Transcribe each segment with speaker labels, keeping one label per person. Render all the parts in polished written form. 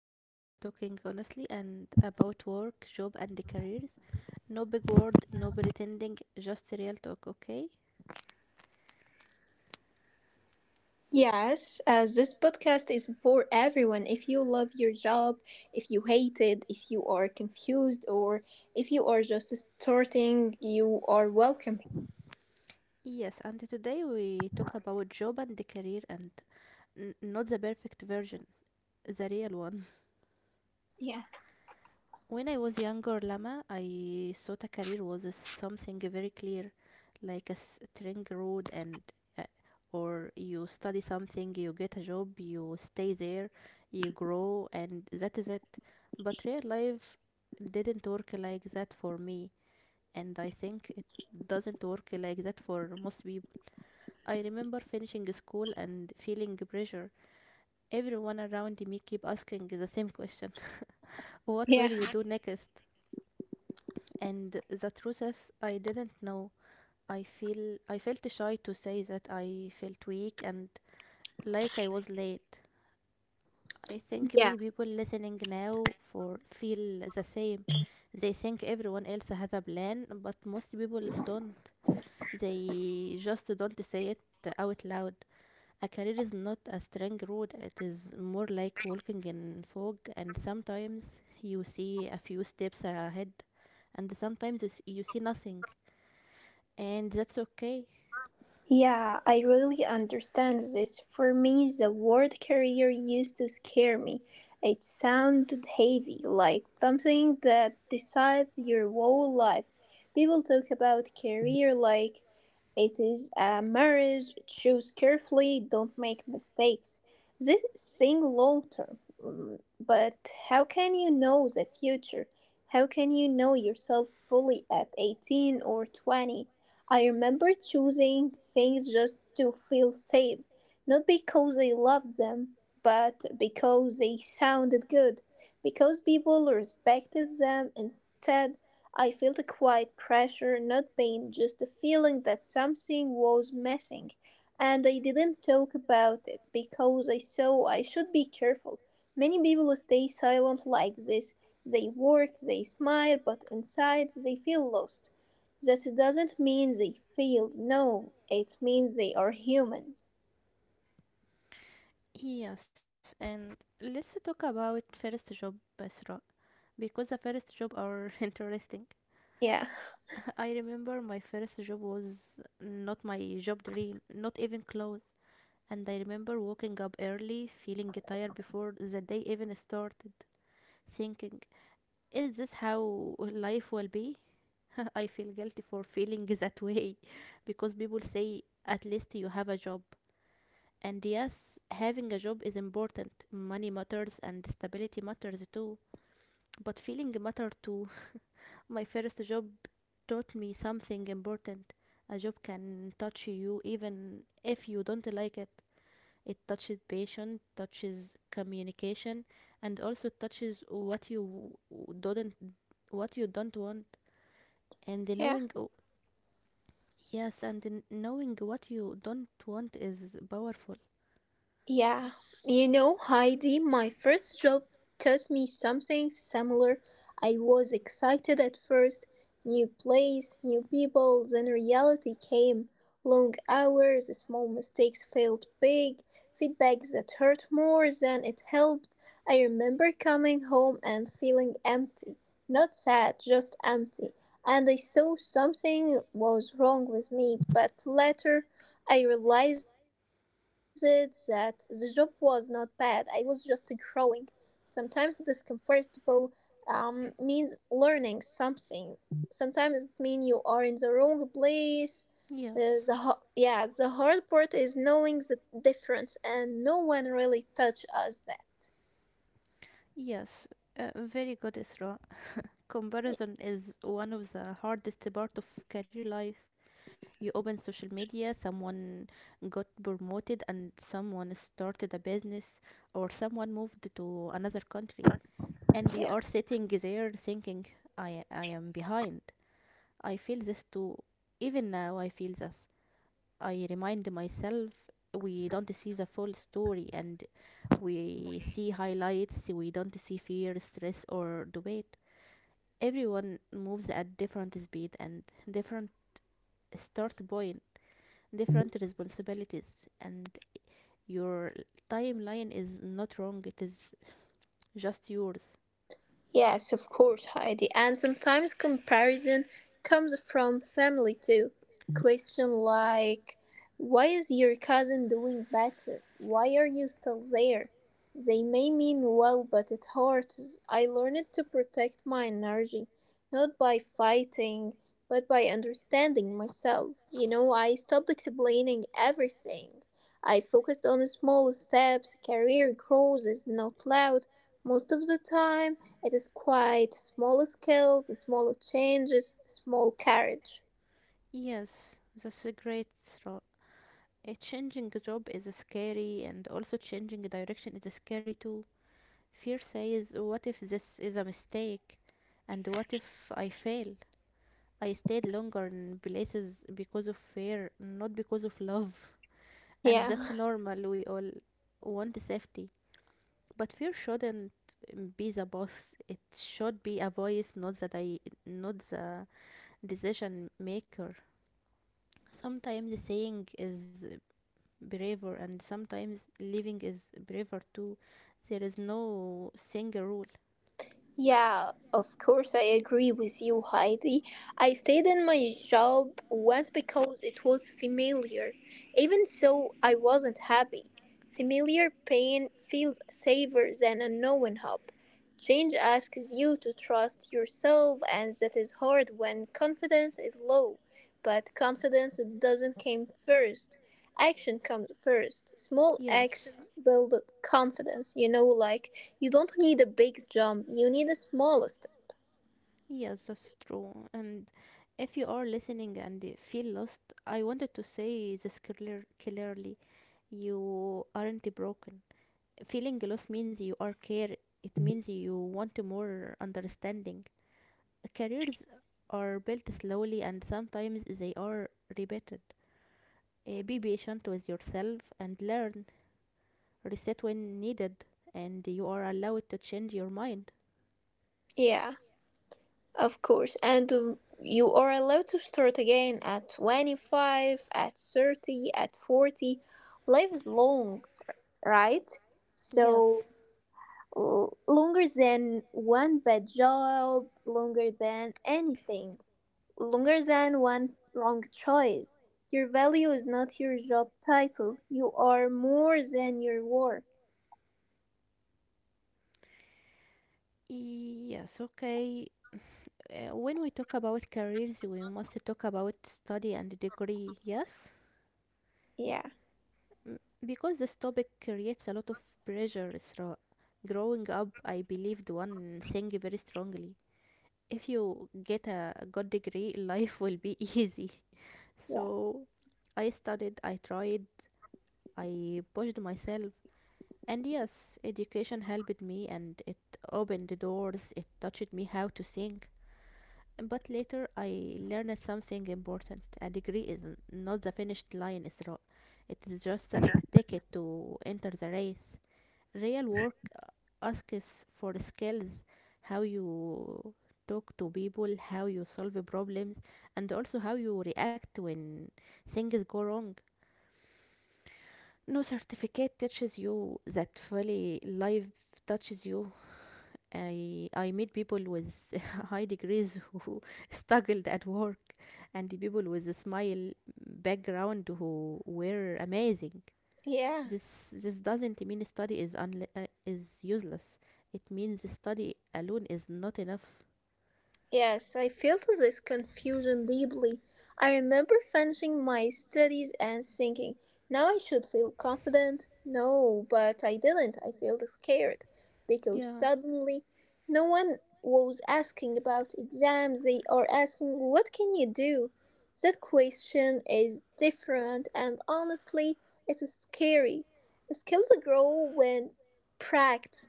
Speaker 1: where are talking honestly and about work, job and the careers. No big word, no pretending, just real talk, okay?
Speaker 2: Yes, as this podcast is for everyone. If you love your job, if you hate it, if you are confused, or if you are just starting, you are welcome.
Speaker 1: Yes, and today we talk about job and the career and not the perfect version, the real one.
Speaker 2: Yeah.
Speaker 1: When I was younger, Lama, I thought a career was a something very clear, like a straight road, and uh, or you study something, you get a job, you stay there, you grow, and that is it. But real life didn't work like that for me, and I think it doesn't work like that for most people. I remember finishing school and feeling pressure. Everyone around me keep asking the same question: what
Speaker 2: Yeah.
Speaker 1: will you do next? And the truth is I didn't know. i feel I felt shy to say that I felt weak and like I was late. I think
Speaker 2: Yeah.
Speaker 1: many people listening now for feel the same. They think everyone else has a plan, but most people don't. They just don't say it out loud. A career is not a straight road. It is more like walking in fog, and sometimes you see a few steps ahead and sometimes you you see nothing, and that's okay.
Speaker 2: Yeah, I really understand this. For me, the word career used to scare me. It sounded heavy, like something that decides your whole life. People talk about career like it is a marriage, choose carefully, don't make mistakes. This thing long term. Mm, but how can you know the future? How can you know yourself fully at 18 or 20? I remember choosing things just to feel safe, not because I loved them, but because they sounded good, because people respected them. Instead, I felt a quiet pressure, not pain, just a feeling that something was missing. And I didn't talk about it because I saw I should be careful. Many people stay silent like this. They work, they smile, but inside they feel lost. That doesn't mean they failed. No, it means they are humans.
Speaker 1: Yes, and let's talk about first job, Basra, because the first job are interesting.
Speaker 2: Yeah.
Speaker 1: I remember my first job was not my job dream, not even close. And I remember waking up early, feeling tired before the day even started, thinking, is this how life will be? I feel guilty for feeling that way because people say, at least you have a job. And yes, having a job is important. Money matters and stability matters too. But feeling matter too. My first job taught me something important. A job can touch you even if you don't like it. It touches passion, touches communication, and also touches what you don't want. And the
Speaker 2: Yeah.
Speaker 1: knowing, oh, yes, and the knowing what you don't want is powerful.
Speaker 2: Yeah, you know, Heidi, my first job taught me something similar. I was excited at first, new place, new people, then reality came. Long hours, small mistakes felt big, feedback that hurt more than it helped. I remember coming home and feeling empty. Not sad, just empty. And I saw something was wrong with me, but later I realized that the job was not bad. I was just growing. Sometimes discomfortable means learning something. Sometimes it means you are in the wrong place. Uh,
Speaker 1: Yes.
Speaker 2: the ho- yeah, the hard part is knowing the difference, and no one really touched us that.
Speaker 1: Yes, very good, Isra. Comparison is one of the hardest part of career life. You open social media, someone got promoted and someone started a business or someone moved to another country. And you
Speaker 2: Yeah.
Speaker 1: are sitting there thinking, I am behind. I feel this too. Even now, I feel this. I remind myself we don't see the full story, and we see highlights, we don't see fear, stress, or debate. Everyone moves at different speed and different start point, different responsibilities, and your timeline is not wrong, it is just yours.
Speaker 2: Yes, of course, Heidi. And sometimes comparison comes from family too. Question like, why is your cousin doing better? Why are you still there? They may mean well, but it hurts. I learned to protect my energy, not by fighting, but by understanding myself. You know, I stopped explaining everything. I focused on small steps. Career growth is not loud most of the time, it is quite small scales, small changes, small carriage.
Speaker 1: Yes, that's a great thought. A changing job is scary, and also changing direction is scary too. Fear says, what if this is a mistake? And what if I fail? I stayed longer in places because of fear, not because of love. And
Speaker 2: Yeah,
Speaker 1: that's normal, we all want safety. But fear shouldn't be the boss. It should be a voice, not the not the decision maker. Sometimes saying is braver, and sometimes leaving is braver too. There is no single rule.
Speaker 2: yeah, of course, I agree with you, Heidi. I stayed in my job once because it was familiar. Even so, I wasn't happy. Familiar pain feels safer than unknown hope. Change asks you to trust yourself, and that is hard when confidence is low. But confidence doesn't come first. Action comes first. Small
Speaker 1: Yes.
Speaker 2: actions build confidence. You know, like you don't need a big jump, you need the smallest.
Speaker 1: Yes, that's true. And if you are listening and you feel lost, I wanted to say this clear, clearly. You aren't broken. Feeling lost means you are care. It means you want more understanding. Careers are built slowly, and sometimes they are repeated. Be patient with yourself and learn. Reset when needed, and you are allowed to change your mind.
Speaker 2: Yeah, of course. And you are allowed to start again at 25, at 30, at 40. Life is long, right?
Speaker 1: Yes.
Speaker 2: So, l- longer than one bad job, longer than anything. Longer than one wrong choice. Your value is not your job title. You are more than your work.
Speaker 1: Yes, okay. When we talk about careers, we must talk about study and degree, yes?
Speaker 2: Yeah.
Speaker 1: M- Because this topic creates a lot of pressure, Isra. Growing up, I believed one thing very strongly. If you get a good degree, life will be easy.
Speaker 2: Yeah.
Speaker 1: So I studied, I tried, I pushed myself. And yes, education helped me and it opened the doors, it taught me how to think. But later I learned something important. A degree is not the finished line, Isra. It is just a ticket to enter the race. Real work asks for skills, how you talk to people, how you solve problems, and also how you react when things go wrong. No certificate teaches you that fully life touches you. I met people with high degrees who struggled at work, and the people with a smile background who were amazing.
Speaker 2: Yeah.
Speaker 1: This doesn't mean study is is useless. It means study alone is not enough.
Speaker 2: Yes, I felt this confusion deeply. I remember finishing my studies and thinking, now I should feel confident. No, but I didn't. I felt scared because
Speaker 1: Yeah,
Speaker 2: suddenly no one was asking about exams. They are asking, what can you do? That question is different and honestly, it's scary. Skills grow when practiced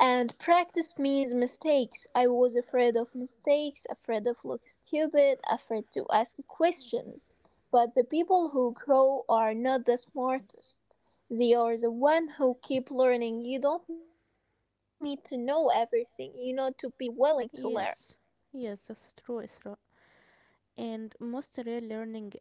Speaker 2: and practice means mistakes. I was afraid of mistakes, afraid of looking stupid, afraid to ask questions. But the people who grow are not the smartest. They are the one who keep learning. You don't need to know everything. You know to be willing to learn.
Speaker 1: yes, yes, that's true, Isra. And most real learning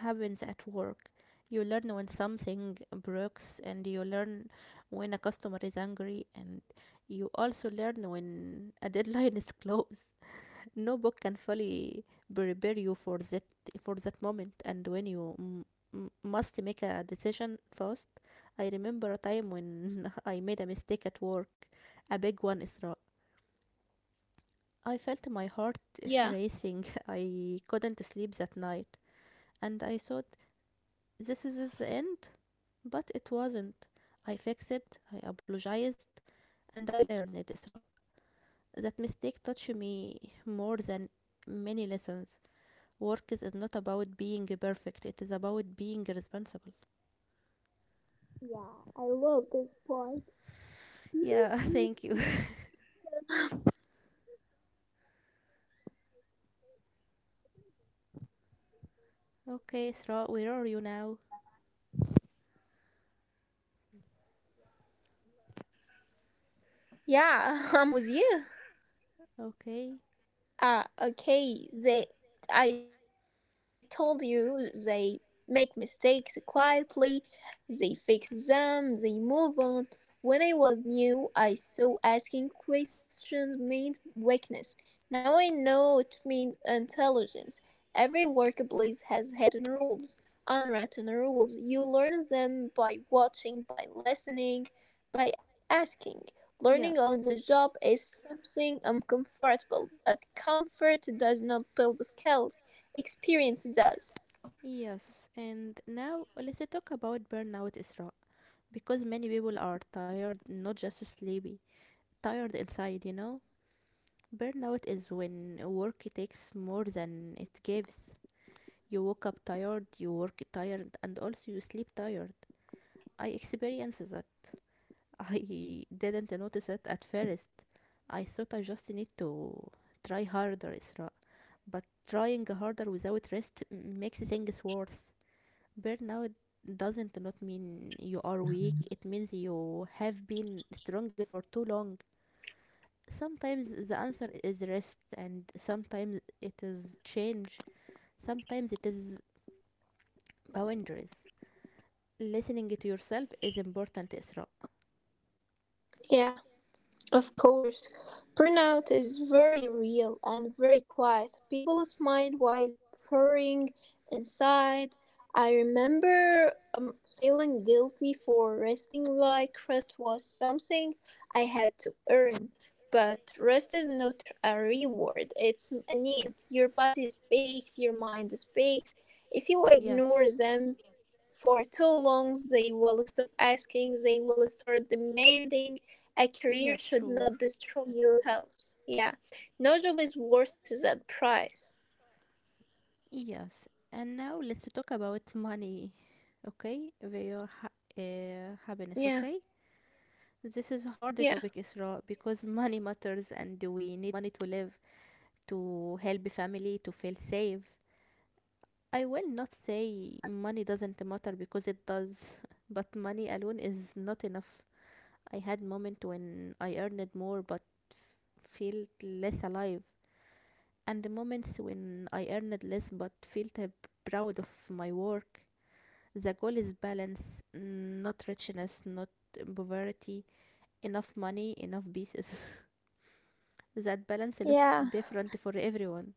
Speaker 1: happens at work. You learn when something breaks, and you learn when a customer is angry, and you also learn when a deadline is close. No book can fully prepare you for that moment, and when you must make a decision fast. I remember a time when I made a mistake at work, a big one, Isra. I felt my heart
Speaker 2: Yeah.
Speaker 1: racing. I couldn't sleep that night, and I thought this is the end, but it wasn't. I fixed it, I apologized, and I learned, Isra. That mistake touched me more than many lessons. Work is not about being perfect, it is about being responsible.
Speaker 2: Yeah, I love this part.
Speaker 1: Yeah, thank you. Okay, Isra, where are you now?
Speaker 2: Yeah, I'm with you.
Speaker 1: Okay,
Speaker 2: Ah, okay. They, I told you, they make mistakes quietly, they fix them, they move on. When I was new, I saw asking questions meant weakness. Now I know it means intelligence. Every workplace has hidden rules, unwritten rules. You learn them by watching, by listening, by asking. Learning on the
Speaker 1: yes,
Speaker 2: job is something uncomfortable, but comfort does not build skills, experience does.
Speaker 1: yes. And now let's talk about burnout, Isra, because many people are tired, not just sleepy, tired inside, you know? Burnout is when work takes more than it gives. You woke up tired, you work tired, and also you sleep tired. I experienced that. I didn't notice it at first. I thought I just need to try harder, Isra. But trying harder without rest makes things worse. Burnout doesn't not mean you are weak. It means you have been strong for too long. Sometimes the answer is rest, and sometimes it is change, sometimes it is boundaries. Listening to yourself is important, Isra.
Speaker 2: Yeah. Of course, burnout is very real and very quiet. People smile while pouring inside. I remember feeling guilty for resting like rest was something I had to earn. But rest is not a reward, it's a need. Your body speaks, your mind speaks. If you
Speaker 1: Yes,
Speaker 2: ignore them for too long, they will stop asking, they will start demanding. A
Speaker 1: yes,
Speaker 2: career
Speaker 1: sure.
Speaker 2: should not destroy your health. Yeah. No job is worth that price.
Speaker 1: Yes, and now let's talk about money, okay? Your happiness,
Speaker 2: Yeah.
Speaker 1: okay? This is a hard topic,
Speaker 2: Yeah.
Speaker 1: Isra, because money matters and we need money to live, to help family, to feel safe. I will not say money doesn't matter because it does, but money alone is not enough. I had moments when I earned more but felt less alive, and the moments when I earned less but felt proud of my work. The goal is balance, not richness, not poverty, enough money, enough pieces. That balance look
Speaker 2: Yeah.
Speaker 1: different for everyone.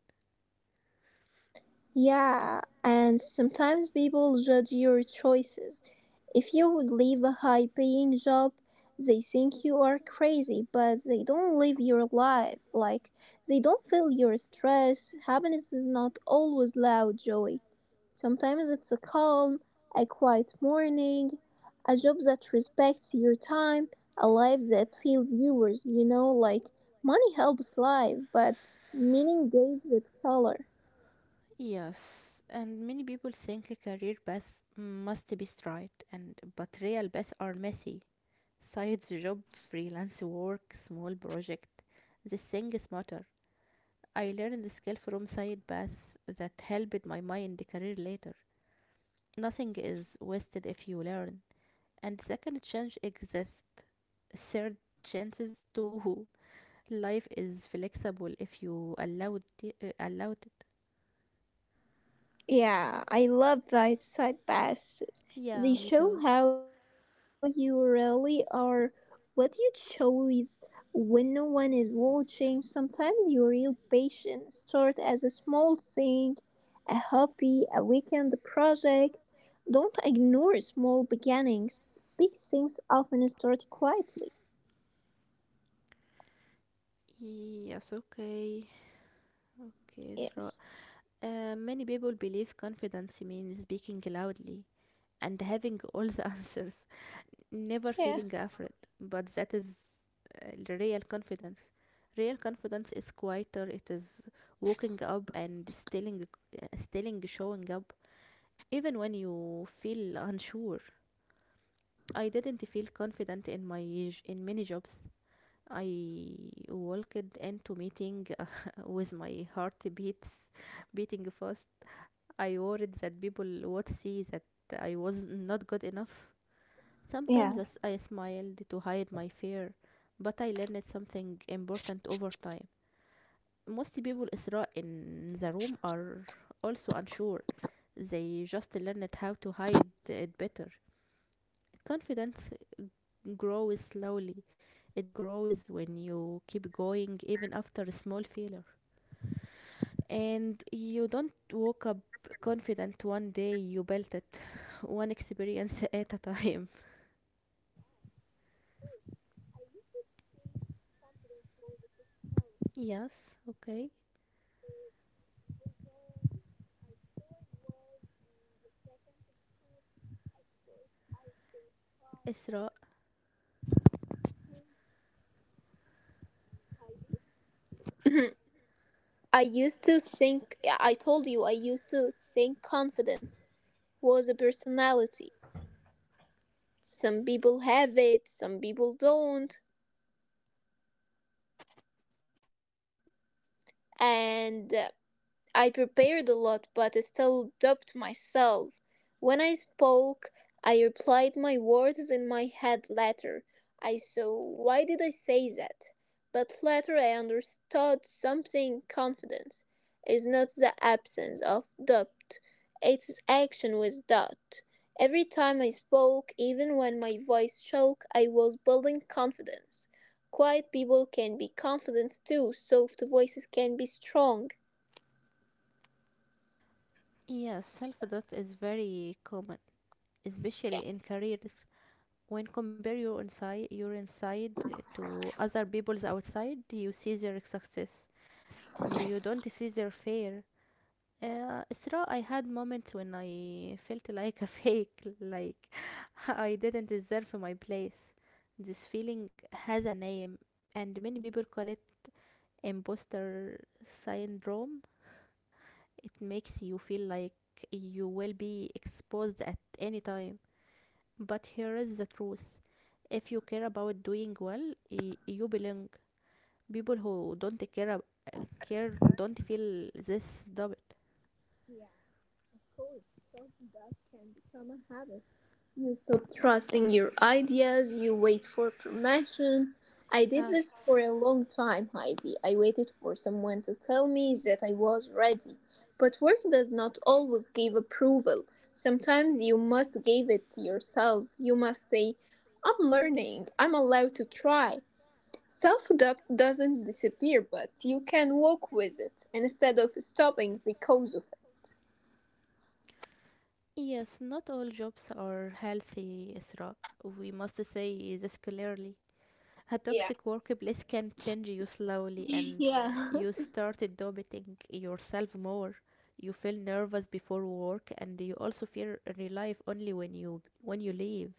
Speaker 2: Yeah, and sometimes people judge your choices. If you would leave a high paying job, they think you are crazy, but they don't live your life. Like, they don't feel your stress. Happiness is not always loud joy. Sometimes it's a calm, a quiet morning, a job that respects your time, a life that feels yours, you know, like money helps life, but meaning gives it color.
Speaker 1: Yes, and many people think a career paths must be straight, and but real paths are messy. Sides job, freelance work, small project. These things matter. I learned the skill from side paths that helped my mind career later. Nothing is wasted if you learn. And second chance exists. Third chances too. Life is flexible if you allowed it, allowed it.
Speaker 2: Yeah, I love these side passes.
Speaker 1: Yeah,
Speaker 2: They
Speaker 1: me
Speaker 2: show
Speaker 1: too.
Speaker 2: how you really are. What you show is when no one is watching. Sometimes your real passion starts as a small thing, a hobby, a weekend project. Don't ignore small beginnings. Big things often start quietly.
Speaker 1: Yes, okay. Okay, so
Speaker 2: Yes.
Speaker 1: many people believe confidence means speaking loudly and having all the answers, never
Speaker 2: Yeah.
Speaker 1: feeling afraid. But that is the real confidence. Real confidence is quieter. It is walking up and stilling, stilling showing up, even when you feel unsure. I didn't feel confident in my in many jobs. I walked into meeting with my heart beats beating fast. I worried that people would see that I was not good enough.
Speaker 2: Yeah.
Speaker 1: Sometimes I I smiled to hide my fear, but I learned something important over time. Most people, Isra, in the room are also unsure. They just learned how to hide it better. Confidence grows slowly. It grows when you keep going even after a small failure. And you don't woke up confident one day, you built it one experience at a time. Yes, okay. Isra.
Speaker 2: Mhm. I used to think, yeah, I told you, I used to think confidence was a personality. Some people have it, some people don't. And I prepared a lot, but I still doubted myself. When I spoke, I replied my words in my head later. I saw why did I say that? But later I understood something, confidence is not the absence of doubt, it's action with doubt. Every time I spoke, even when my voice shook, I was building confidence. Quiet people can be confident too, soft voices can be strong.
Speaker 1: Yes, self doubt is very common, especially
Speaker 2: Yeah.
Speaker 1: in careers. When compare your inside to other people's outside, you see their success and you don't see their fear. Isra, I had moments when I felt like a fake, like I didn't deserve my place. This feeling has a name, and many people call it imposter syndrome. It makes you feel like you will be exposed at any time. But here is the truth: if you care about doing well, you belong. People who don't care, care don't feel this doubt.
Speaker 2: Yeah. course, self-doubt can become a habit. You stop trusting your ideas, you wait for permission. I did this
Speaker 1: Yes.
Speaker 2: for a long time, Heidi. I waited for someone to tell me that I was ready. But work does not always give approval. Sometimes you must give it to yourself. You must say, I'm learning, I'm allowed to try. Self doubt doesn't disappear, but you can walk with it instead of stopping because of it.
Speaker 1: Yes, not all jobs are healthy, Isra. We must say this clearly. A toxic workplace can change you slowly, and
Speaker 2: Yeah.
Speaker 1: you start doubting yourself more. You feel nervous before work, and you also fear relief only when you leave.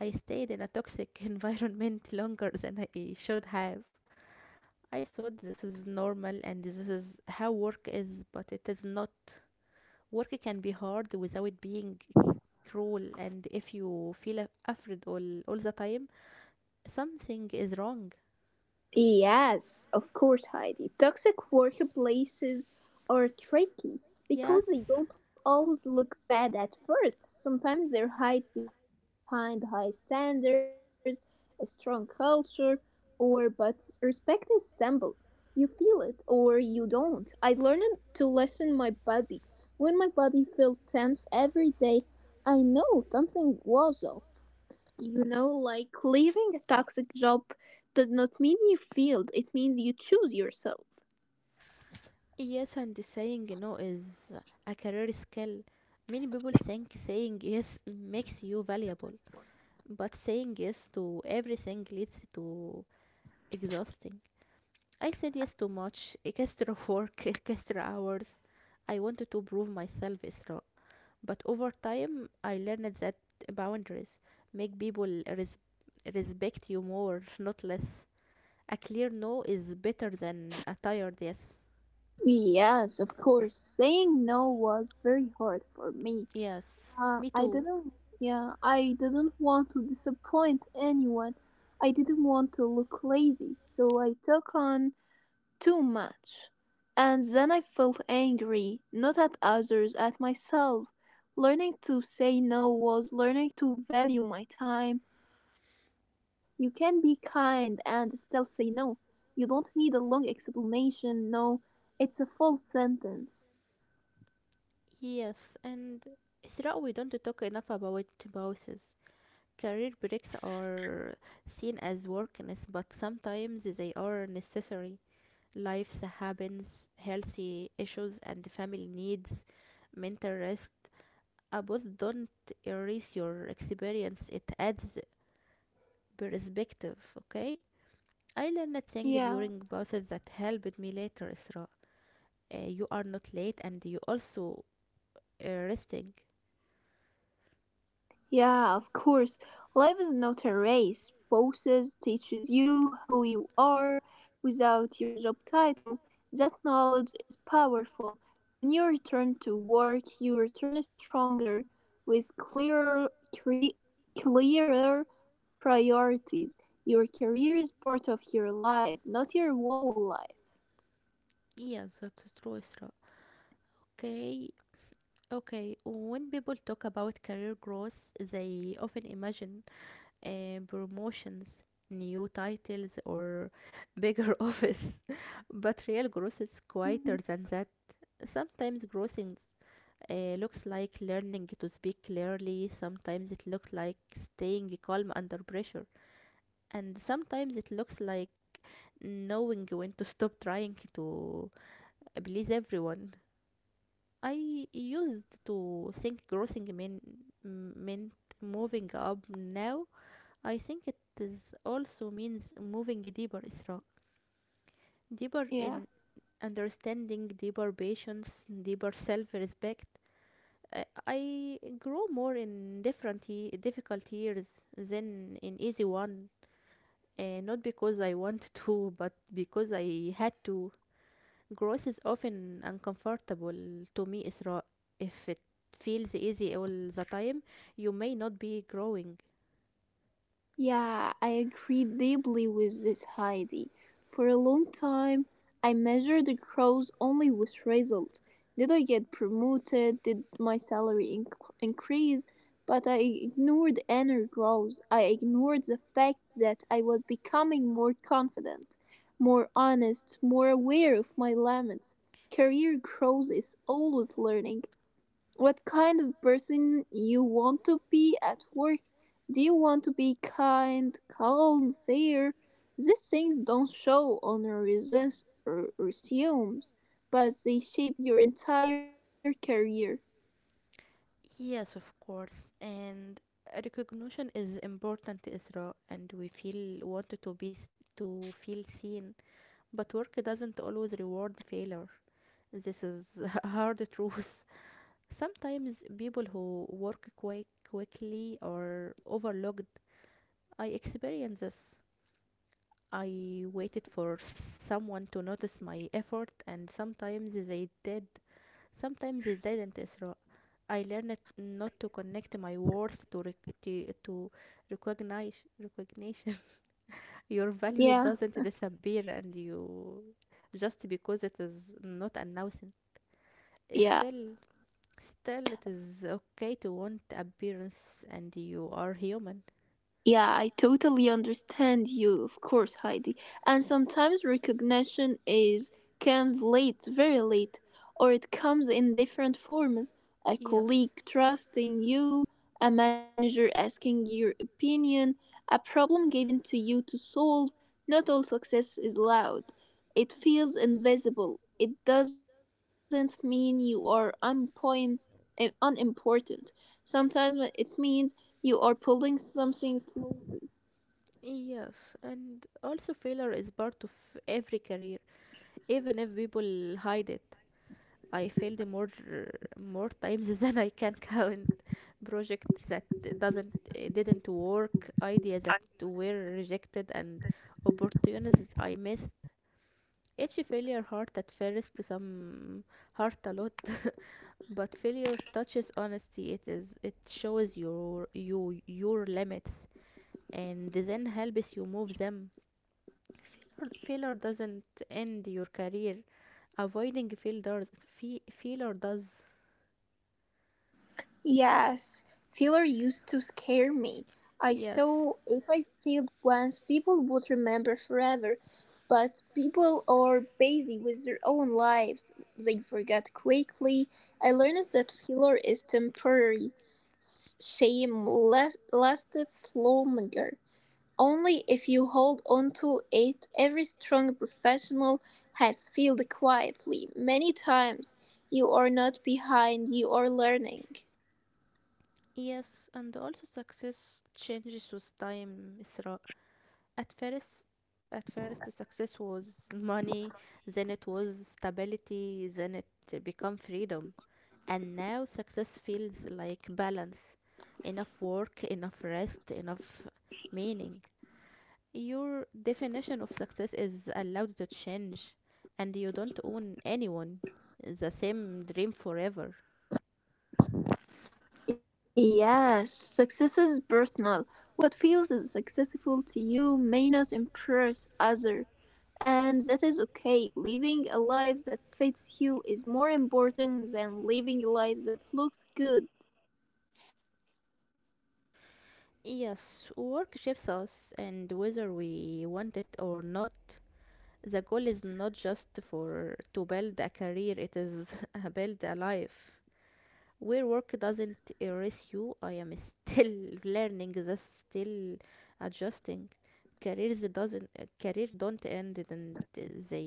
Speaker 1: I stayed in a toxic environment longer than I should have. I thought this is normal and this is how work is, but it is not. Work can be hard without being cruel, and if you feel afraid all the time, something is wrong.
Speaker 2: Yes, of course, Heidi. Toxic workplaces are tricky because they
Speaker 1: Yes,
Speaker 2: don't always look bad at first. Sometimes they're hide behind high standards, a strong culture, or but respect is simple. You feel it or you don't. I learned to listen my body. When my body felt tense every day, I know something was off. You know, like leaving a toxic job does not mean you failed, it means you choose yourself.
Speaker 1: yes, and saying no is a career skill. Many people think saying yes makes you valuable, but saying yes to everything leads to exhausting. I said yes too much, extra work, extra hours. I wanted to prove myself, Isra. But over time, I learned that boundaries make people respect you more, not less. A clear no is better than a tired yes.
Speaker 2: Yes, of course, saying no was very hard for me.
Speaker 1: Yes,
Speaker 2: uh,
Speaker 1: me
Speaker 2: i
Speaker 1: too.
Speaker 2: didn't Yeah, I didn't want to disappoint anyone, I didn't want to look lazy, so I took on too much. And then I felt angry, not at others, at myself. Learning to say no was learning to value my time. You can be kind and still say no. You don't need a long explanation. No, it's a full sentence.
Speaker 1: Yes, and Isra, we don't talk enough about bosses. Career breaks are seen as workness, but sometimes they are necessary. Life happens, healthy issues, and family needs mental rest. A book don't erase your experience, it adds perspective. Okay, I learned a thing
Speaker 2: Yeah.
Speaker 1: during both that helped me later, Isra. You are not late, and you also resting.
Speaker 2: Yeah, of course. Life is not a race. Bosses teaches you who you are without your job title. That knowledge is powerful. When you return to work, you return stronger with clearer cre- clearer priorities. Your career is part of your life, not your whole life.
Speaker 1: Yes, that's true, Isra. Okay. Okay, when people talk about career growth, they often imagine promotions, new titles, or bigger office, but real
Speaker 2: Mhm.
Speaker 1: growth is quieter than that. Sometimes looks like learning to speak clearly, sometimes it looks like staying calm under pressure, and sometimes it looks like knowing when to stop trying to please everyone. I used to think meant moving up. Now I think it is also means moving deeper, Isra. Deeper
Speaker 2: Yeah.
Speaker 1: in understanding, deeper patience, deeper self respect. I grow more in different difficult years than in easy one. Not because I want to, but because I had to. Growth is often uncomfortable to me, Isra. If it feels easy all the time, you may not be growing.
Speaker 2: Yeah, I agree deeply with this, Heidi. For a long time, I measured the growth only with results. Did I get promoted? Did my salary inc- increase? But I ignored inner growth. I ignored the fact that I was becoming more confident, more honest, more aware of my limits. Career growth is always learning what kind of person you want to be at work. Do you want to be kind, calm, fair? These things don't show on your resus- r- resumes, but they shape your entire career.
Speaker 1: Yes, of course. And recognition is important, Isra, and we feel wanted to to feel seen. But work doesn't always reward failure. This is hard truth. Sometimes people who work quickly are overlooked. I experience this. I waited for someone to notice my effort, and sometimes they did. Sometimes they didn't, Isra. I learned not to connect my worth to recognize recognition. Your value
Speaker 2: Yeah,
Speaker 1: doesn't disappear and you just because it is not announced.
Speaker 2: yeah.
Speaker 1: Still, still, it is okay to want appearance, and you are human.
Speaker 2: Yeah, I totally understand you, of course, Heidi. And sometimes recognition is comes late, very late, or it comes in different forms. A
Speaker 1: Yes.
Speaker 2: colleague trusting you, a manager asking your opinion, a problem given to you to solve. Not all success is loud. It feels invisible. It doesn't mean you are unpoint- eh, unimportant. Sometimes it means you are pulling something slowly.
Speaker 1: Yes, and also failure is part of every career, even if people hide it. I failed more times than I can count. Projects that doesn't didn't work, ideas that were rejected, and opportunities I missed. Each failure hurt at first, some hurt a lot, but failure touches honesty. It is it shows your you your limits and then helps you move them. Failure doesn't end your career. Avoiding failure does.
Speaker 2: Yes, failure used to scare me. I saw
Speaker 1: Yes.
Speaker 2: if I failed once, people would remember forever. But people are busy with their own lives. They forget quickly. I learned that failure is temporary. S- Shame last- lasted longer. Only if you hold onto it every strong professional has failed quietly many times, you are not behind, you are learning.
Speaker 1: Yes, and also success changes with time, Isra. At first, at first the success was money, then it was stability, then it become freedom. And now success feels like balance, enough work, enough rest, enough meaning. Your definition of success is allowed to change, and you don't own anyone the same dream forever.
Speaker 2: Yes, success is personal. What feels successful to you may not impress others, and that is okay. Living a life that fits you is more important than living a life that looks good.
Speaker 1: Yes, work shapes us, and whether we want it or not, the goal is not just for to build a career, it is build a life where work doesn't erase you. I am still learning this, still adjusting. Career don't end, and they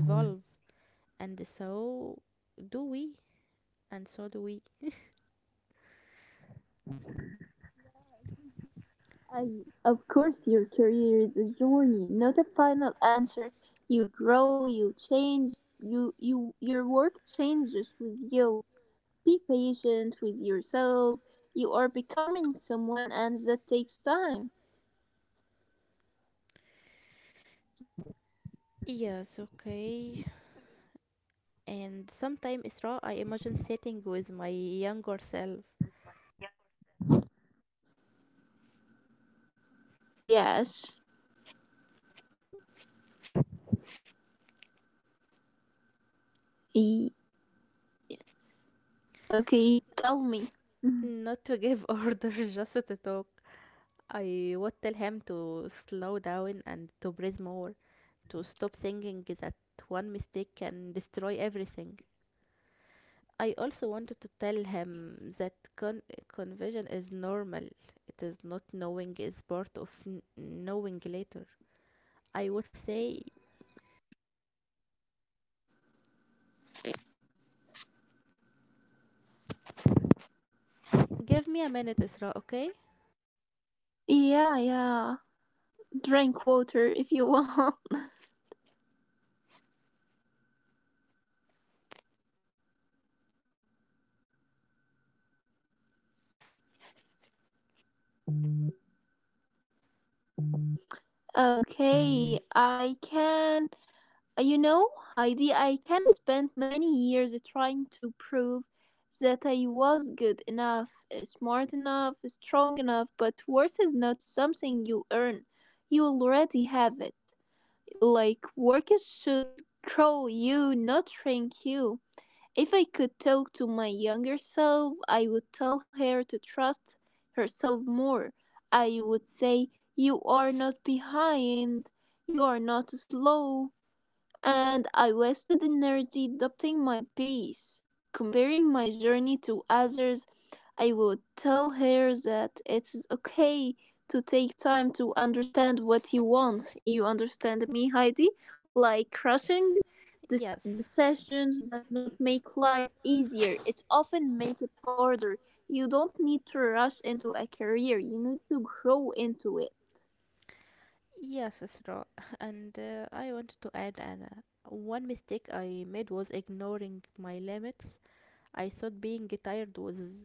Speaker 1: evolve, and so do we, and so do we.
Speaker 2: I, of course, your career is a journey, not a final answer. You grow, you change, your work changes with you. Be patient with yourself. You are becoming someone, and that takes time.
Speaker 1: Yes. Okay, and sometimes, Isra, I imagine sitting with my younger self,
Speaker 2: Yes. E- okay, tell me.
Speaker 1: not to give orders, just to talk. I would tell him to slow down and to breathe more, to stop thinking that one mistake can destroy everything. I also wanted to tell him that confusion is normal. It is not knowing is part of knowing later. I would say, give me a minute, Isra, okay?
Speaker 2: Yeah, yeah. Drink water if you want. Okay, I can you know, Heidi, I can spend many years trying to prove that I was good enough, smart enough, strong enough, but worth is not something you earn. You already have it. Like, work should grow you, not shrink you. If I could talk to my younger self, I would tell her to trust herself more. I would say, you are not behind, you are not slow, and I wasted energy doubting my pace, comparing my journey to others. I would tell her that it is okay to take time to understand what you want. You understand me, Heidi? Like rushing this
Speaker 1: Yes.
Speaker 2: decisions does not make life easier. It often makes it harder. You don't need to rush into a career. You need to grow into it.
Speaker 1: Yes, Isra. And I wanted to add Anna. One mistake I made was ignoring my limits. I thought being tired was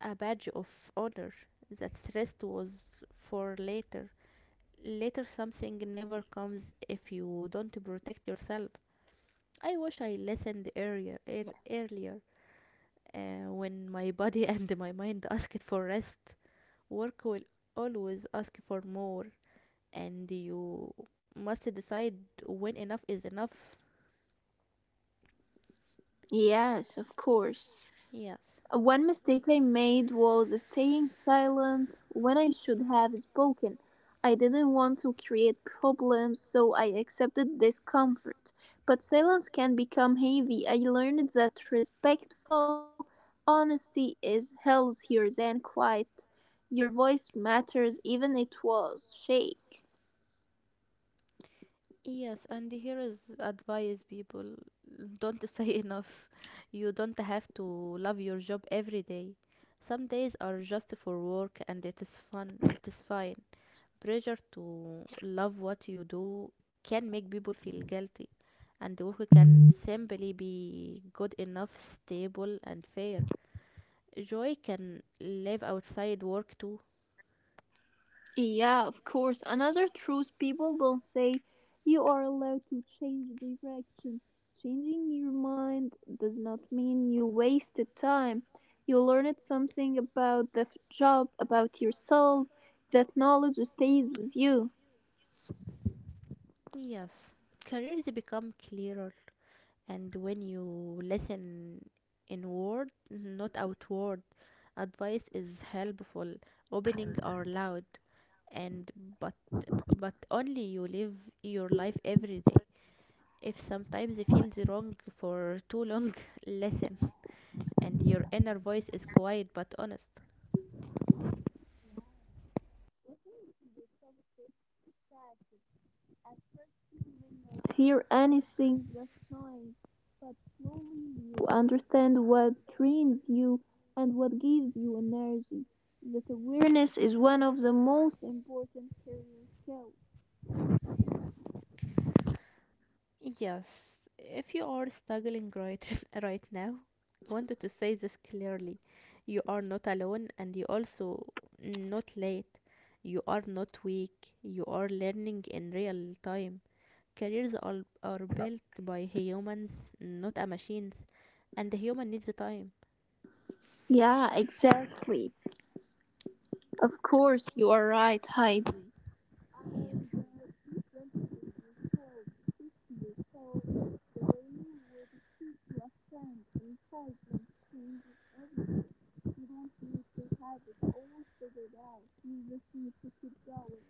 Speaker 1: a badge of honor. That rest was for later. Later something never comes if you don't protect yourself. I wish I listened
Speaker 2: Yeah.
Speaker 1: earlier, when my body and my mind asked for rest. Work will always ask for more, and you must decide when enough is enough.
Speaker 2: Yes, of course.
Speaker 1: Yes.
Speaker 2: One mistake I made was staying silent when I should have spoken. I didn't want to create problems, so I accepted discomfort. But silence can become heavy. I learned that respectful honesty is healthier than quiet. Your voice matters even it was shake.
Speaker 1: Yes, and here is advice people don't say enough. You don't have to love your job every day. Some days are just for work, and it is fun, it is fine. Pressure to love what you do can make people feel guilty, and work can simply be good enough, stable, and fair. Joy can live outside work too.
Speaker 2: Yeah, of course. Another truth people don't say, you are allowed to change direction. Changing your mind does not mean you wasted time. You learned something about the f- job, about yourself. That knowledge stays with you.
Speaker 1: Yes, careers become clearer, and when you listen inward, not outward, advice is helpful, opening are loud, and but but only you live your life every day. If sometimes it feels wrong for too long, listen, and your inner voice is quiet but honest.
Speaker 2: At first you may not hear anything, just noise, but slowly you understand what trains you and what gives you energy. That awareness is one of the most important career skills.
Speaker 1: Yes, if you are struggling right, right now, I wanted to say this clearly. You are not alone, and you also not late. You are not weak. You are learning in real time. Careers are built by humans, not a machines, and the human needs the time.
Speaker 2: Yeah, exactly. Of course, you are right, Heidi.
Speaker 1: Yes.
Speaker 2: uh, the way you would speak to a friend. Encouragement changes everything. You don't need to have it all figured out. You just need to keep going.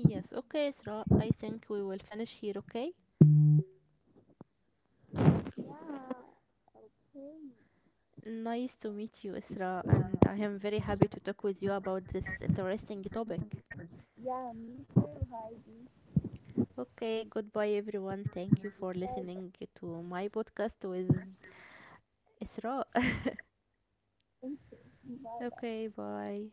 Speaker 1: Yes. Okay, Isra. I think we will finish here. Okay.
Speaker 2: Yeah. Okay.
Speaker 1: Nice to meet you, Isra, and I am very happy to talk with you about this interesting topic.
Speaker 2: Yeah, me too, Heidi.
Speaker 1: Okay, goodbye, everyone. Thank you for
Speaker 2: I
Speaker 1: listening to my podcast with Isra.
Speaker 2: think so.
Speaker 1: Okay, bye.